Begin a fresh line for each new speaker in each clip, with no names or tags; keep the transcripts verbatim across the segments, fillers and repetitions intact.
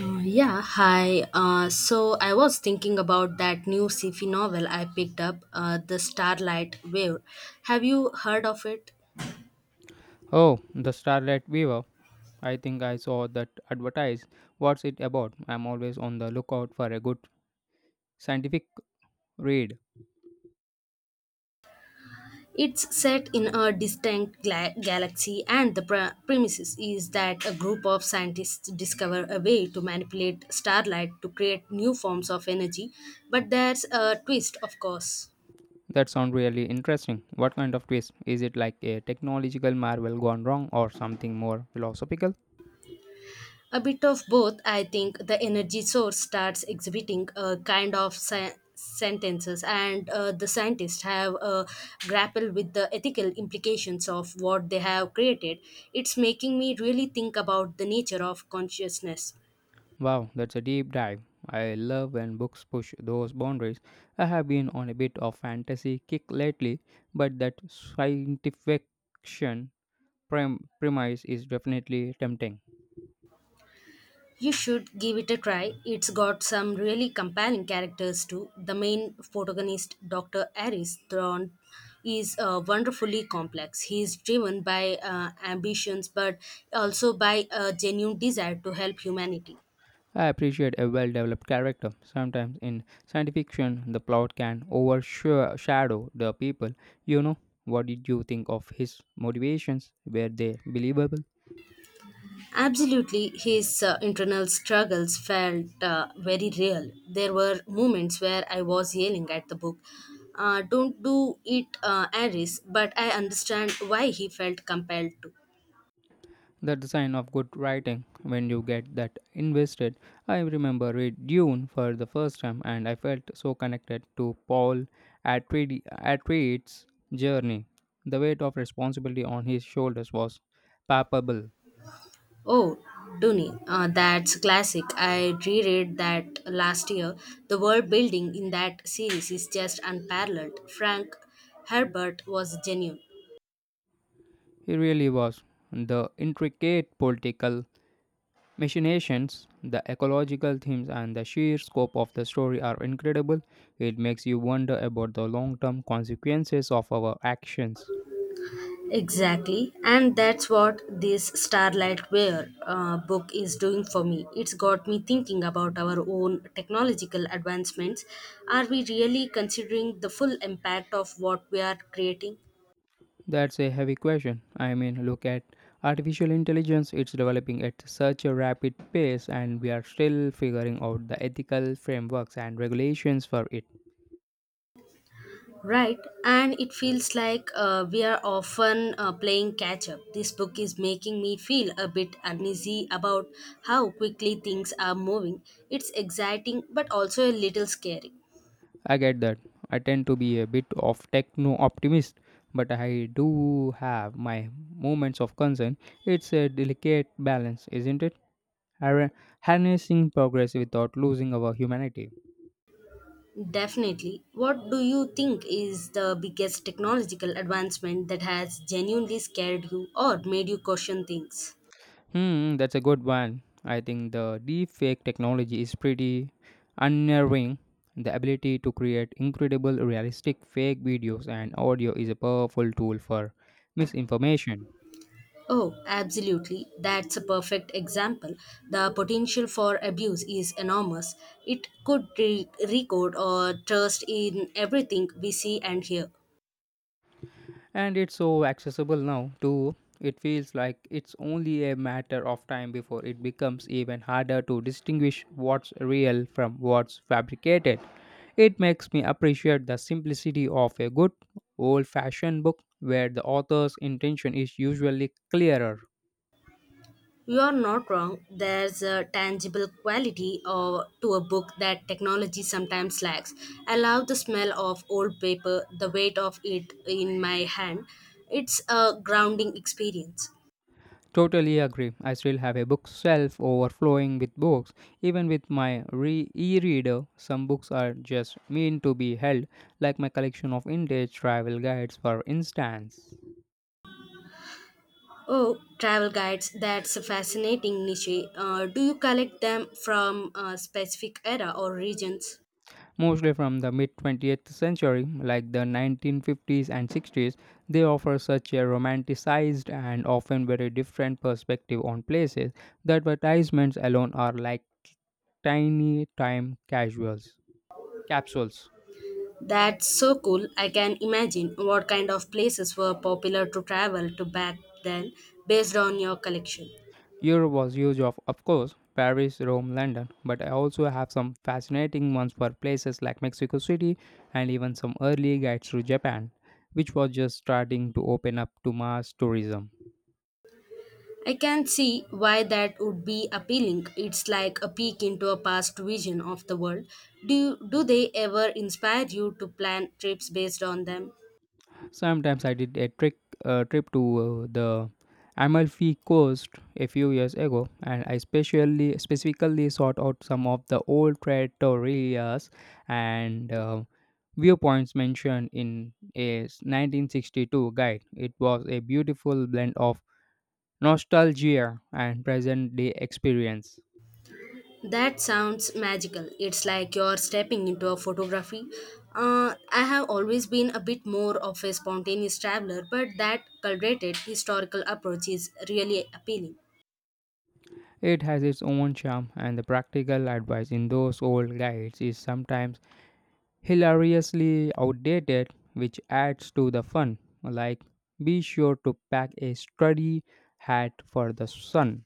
Uh, Yeah, Hi. Uh, so I was thinking about that new sci-fi novel I picked up, uh, The Starlight Wave. Have you heard of it?
Oh, the Starlight Weaver. I think I saw that advertised. What's it about? I'm always on the lookout for a good scientific read.
It's set in a distant gla- galaxy, and the pre- premises is that a group of scientists discover a way to manipulate starlight to create new forms of energy. But there's a twist, of course.
That sounds really interesting. What kind of twist? Is it like a technological marvel gone wrong or something more philosophical?
A bit of both, I think the energy source starts exhibiting a kind of sen- sentences, and uh, the scientists have uh, grappled with the ethical implications of what they have created. It's making me really think about the nature of consciousness.
Wow, that's a deep dive. I love when books push those boundaries. I have been on a bit of fantasy kick lately, but that scientific fiction prem- premise is definitely tempting.
You should give it a try. It's got some really compelling characters too. The main protagonist, doctor Aris Thorne, is uh, wonderfully complex. He is driven by uh, ambitions but also by a genuine desire to help humanity.
I appreciate a well developed character. Sometimes in science fiction, the plot can overshadow the people. You know, what did you think of his motivations? Were they believable?
Absolutely, his uh, internal struggles felt uh, very real. There were moments where I was yelling at the book, uh, don't do it, uh, Aris, but I understand why he felt compelled to.
That's the sign of good writing when you get that invested. I remember read Dune for the first time and I felt so connected to Paul Atreide- Atreides' journey. The weight of responsibility on his shoulders was palpable.
Oh, Duni, uh, that's classic. I reread that last year. The world building in that series is just unparalleled. Frank Herbert was genuine.
He really was. The intricate political machinations, the ecological themes, and the sheer scope of the story are incredible. It makes you wonder about the long term consequences of our actions.
Exactly, and that's what this Starlight Ware uh, book is doing for me. It's got me thinking about our own technological advancements. Are we really considering the full impact of what we are creating?
That's a heavy question. I mean, look at artificial intelligence, it's developing at such a rapid pace, and we are still figuring out the ethical frameworks and regulations for it.
Right, and it feels like uh, we are often uh, playing catch up. This book is making me feel a bit uneasy about how quickly things are moving. It's exciting but also a little scary.
I get that. I tend to be a bit of techno optimist, but I do have my moments of concern. It's a delicate balance, isn't it? har- Harnessing progress without losing our humanity.
Definitely. What do you think is the biggest technological advancement that has genuinely scared you or made you question things?
Hmm, that's a good one. I think the deepfake technology is pretty unnerving. The ability to create incredible realistic fake videos and audio is a powerful tool for misinformation.
Oh, absolutely. That's a perfect example. The potential for abuse is enormous. It could re- record or trust in everything we see and hear.
And it's so accessible now, too. It feels like it's only a matter of time before it becomes even harder to distinguish what's real from what's fabricated. It makes me appreciate the simplicity of a good, old fashioned book where the author's intention is usually clearer.
You are not wrong. There's a tangible quality or to a book that technology sometimes lacks. I love the smell of old paper, the weight of it in my hand. It's a grounding experience.
Totally agree. I still have a bookshelf overflowing with books. Even with my re- e-reader, some books are just meant to be held, like my collection of vintage travel guides, for instance.
Oh, travel guides, that's a fascinating niche. Uh, do you collect them from a specific era or regions?
Mostly from the mid twentieth century, like the nineteen fifties and sixties, they offer such a romanticized and often very different perspective on places. The advertisements alone are like tiny time casuals capsules.
That's so cool. I can imagine what kind of places were popular to travel to back then based on your collection.
Europe was huge, of, of course, Paris, Rome, London, but I also have some fascinating ones for places like Mexico City and even some early guides to Japan, which was just starting to open up to mass tourism.
I can see why that would be appealing. It's like a peek into a past vision of the world. Do you, do they ever inspire you to plan trips based on them?
Sometimes I did a trick, uh, trip to uh, the Amalfi Coast a few years ago, and I specially specifically sought out some of the old trattorias and uh, viewpoints mentioned in a nineteen sixty-two guide. It was a beautiful blend of nostalgia and present day experience.
That sounds magical. It's like you're stepping into a photography. Uh, I have always been a bit more of a spontaneous traveler, but that curated historical approach is really appealing.
It has its own charm, and the practical advice in those old guides is sometimes hilariously outdated, which adds to the fun. Like, be sure to pack a study hat for the sun.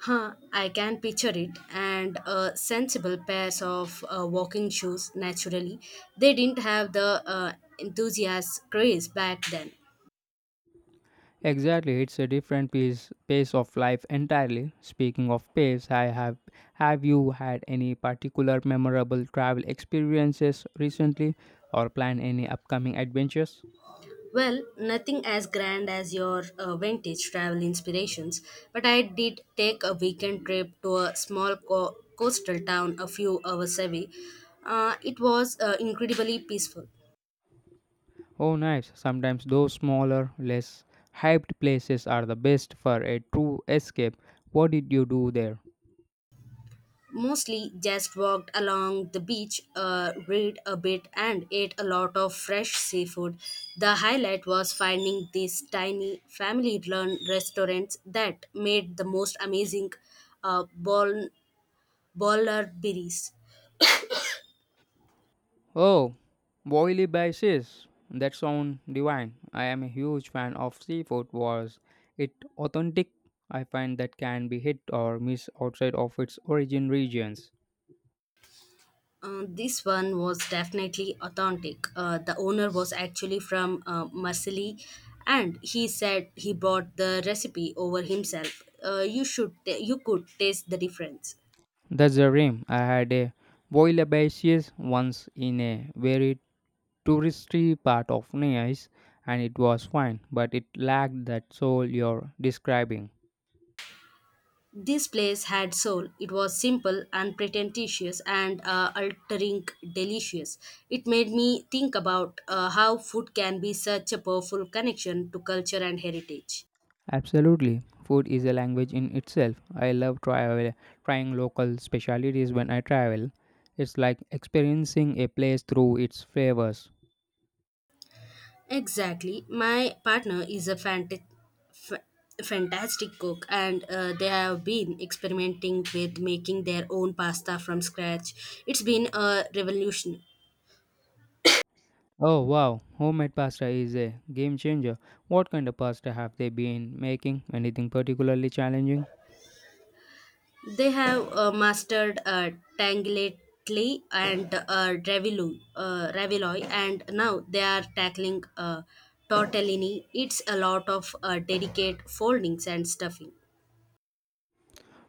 Huh, I can picture it. And uh, sensible pairs of uh, walking shoes, naturally. They didn't have the uh, enthusiast craze back then.
Exactly, it's a different pace, pace of life entirely. Speaking of pace, I have have you had any particular memorable travel experiences recently or plan any upcoming adventures?
Well, nothing as grand as your uh, vintage travel inspirations, but I did take a weekend trip to a small co- coastal town a few hours away. Uh, it was uh, incredibly peaceful.
Oh nice. Sometimes those smaller, less hyped places are the best for a true escape. What did you do there?
Mostly just walked along the beach, uh, read a bit, and ate a lot of fresh seafood. The highlight was finding these tiny family run restaurants that made the most amazing uh, bol- bollar berries.
Oh, boily basis. That sound divine. I am a huge fan of seafood was it authentic? I find that can be hit or miss outside of its origin regions.
Uh, this one was definitely authentic. Uh, the owner was actually from uh, Marseille, and he said he bought the recipe over himself. Uh, you should, ta- you could taste the difference.
That's the dream. I had a boily basis once in a very touristy part of Nice and it was fine, but it lacked that soul you're describing.
This place had soul. It was simple, unpretentious, and uh, altering delicious. It made me think about uh, how food can be such a powerful connection to culture and heritage.
Absolutely. Food is a language in itself. I love travel, trying local specialties when I travel. It's like experiencing a place through its flavors.
Exactly. My partner is a fantastic, fantastic cook, and uh, they have been experimenting with making their own pasta from scratch. It's been a revolution.
Oh wow, homemade pasta is a game changer. What kind of pasta have they been making? Anything particularly challenging?
They have uh, mastered uh, Tangletly and uh, Ravilu, uh, Raviloy, and now they are tackling uh, tortellini. It's a lot of uh, delicate foldings and stuffing.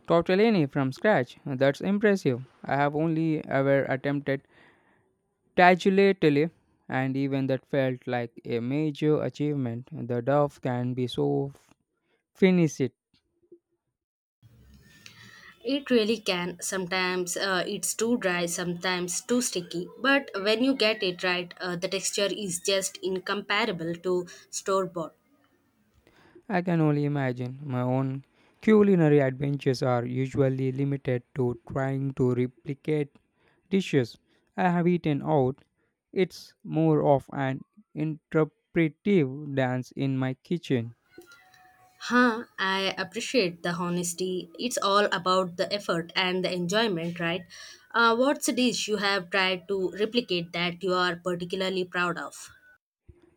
Tortellini from scratch. That's impressive. I have only ever attempted tagliatelle and even that felt like a major achievement. The dough can be so finicit.
It really can. Sometimes uh, it's too dry, sometimes too sticky. But when you get it right, uh, the texture is just incomparable to store bought.
I can only imagine. My own culinary adventures are usually limited to trying to replicate dishes I have eaten out. It's more of an interpretive dance in my kitchen.
Huh, I appreciate the honesty. It's all about the effort and the enjoyment, right? Uh, what's a dish you have tried to replicate that you are particularly proud of?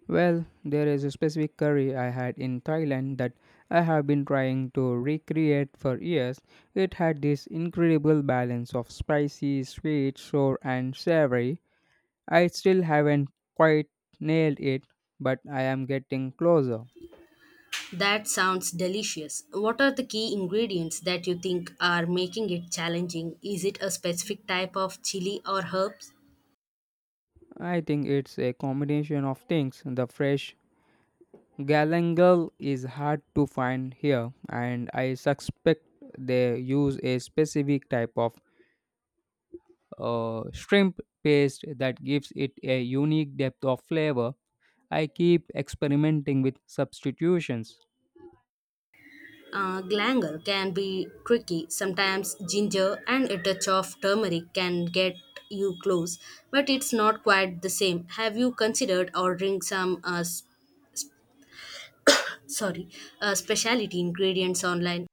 Well, there is a specific curry I had in Thailand that I have been trying to recreate for years. It had this incredible balance of spicy, sweet, sour, and savory. I still haven't quite nailed it, but I am getting closer.
That sounds delicious. What are the key ingredients that you think are making it challenging? Is it a specific type of chili or herbs?
I think it's a combination of things. The fresh galangal is hard to find here, and I suspect they use a specific type of uh, shrimp paste that gives it a unique depth of flavor. I keep experimenting with substitutions.
Uh, galangal can be tricky. Sometimes ginger and a touch of turmeric can get you close, but it's not quite the same. Have you considered ordering some, uh, s- sorry, uh, specialty ingredients online?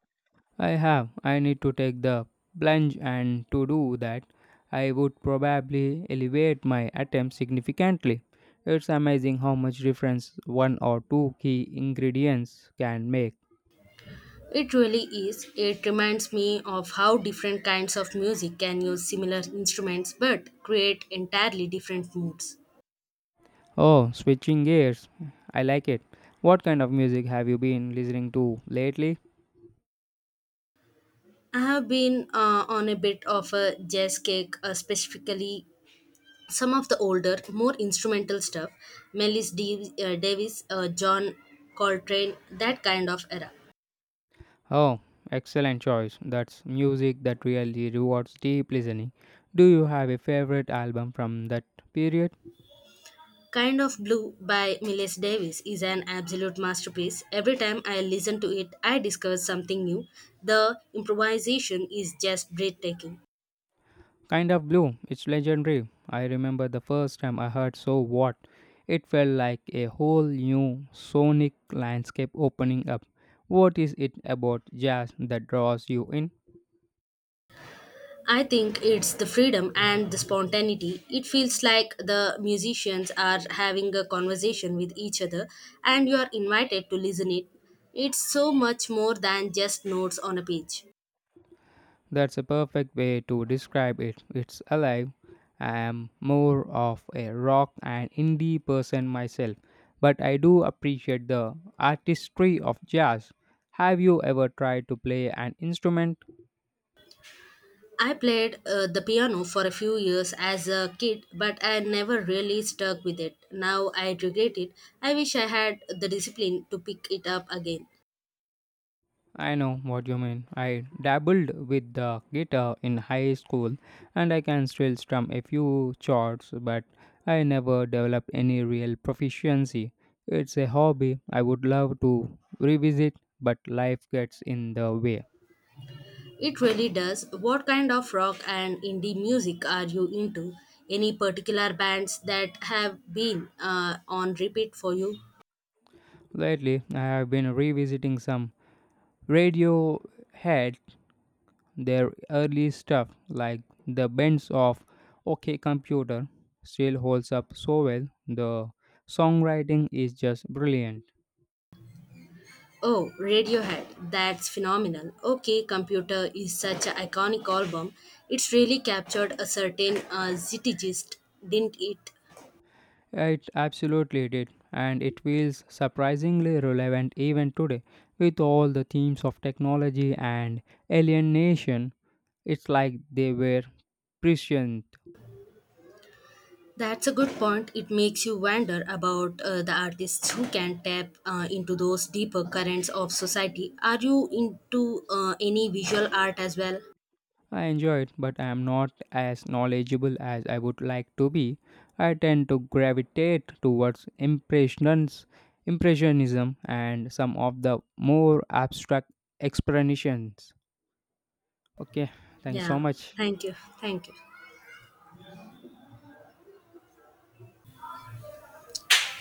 I have. I need to take the plunge, and to do that, I would probably elevate my attempt significantly. It's amazing how much difference one or two key ingredients can make.
It really is. It reminds me of how different kinds of music can use similar instruments but create entirely different moods.
Oh, switching gears. I like it. What kind of music have you been listening to lately?
I have been uh, on a bit of a jazz kick, uh, specifically some of the older, more instrumental stuff, Melis Dav- uh, Davis, uh, John Coltrane, that kind of era.
Oh, excellent choice. That's music that really rewards deep listening. Do you have a favorite album from that period?
Kind of Blue by Miles Davis is an absolute masterpiece. Every time I listen to it, I discover something new. The improvisation is just breathtaking.
Kind of Blue, it's legendary. I remember the first time I heard So What. It felt like a whole new sonic landscape opening up. What is it about jazz that draws you in?
I think it's the freedom and the spontaneity. It feels like the musicians are having a conversation with each other and you are invited to listen it. It's so much more than just notes on a page.
That's a perfect way to describe it. It's alive. I am more of a rock and indie person myself, but I do appreciate the artistry of jazz. Have you ever tried to play an instrument?
I played uh, the piano for a few years as a kid, but I never really stuck with it. Now I regret it. I wish I had the discipline to pick it up again.
I know what you mean. I dabbled with the guitar in high school and I can still strum a few chords, but I never developed any real proficiency. It's a hobby I would love to revisit, but life gets in the way.
It really does. What kind of rock and indie music are you into? Any particular bands that have been uh, on repeat for you?
Lately, I have been revisiting some Radiohead, their early stuff like the bends of OK Computer still holds up so well. The songwriting is just brilliant.
Oh, Radiohead. That's phenomenal. Okay, Computer is such an iconic album. It's really captured a certain uh, zeitgeist, didn't it?
It absolutely did, and it feels surprisingly relevant even today. With all the themes of technology and alienation, it's like they were prescient.
That's a good point. It makes you wonder about uh, the artists who can tap uh, into those deeper currents of society. Are you into uh, any visual art as well?
I enjoy it, but I am not as knowledgeable as I would like to be. I tend to gravitate towards impressions, impressionism, and some of the more abstract explanations. Okay, thank you so
Yeah,
much.
thank you. Thank you.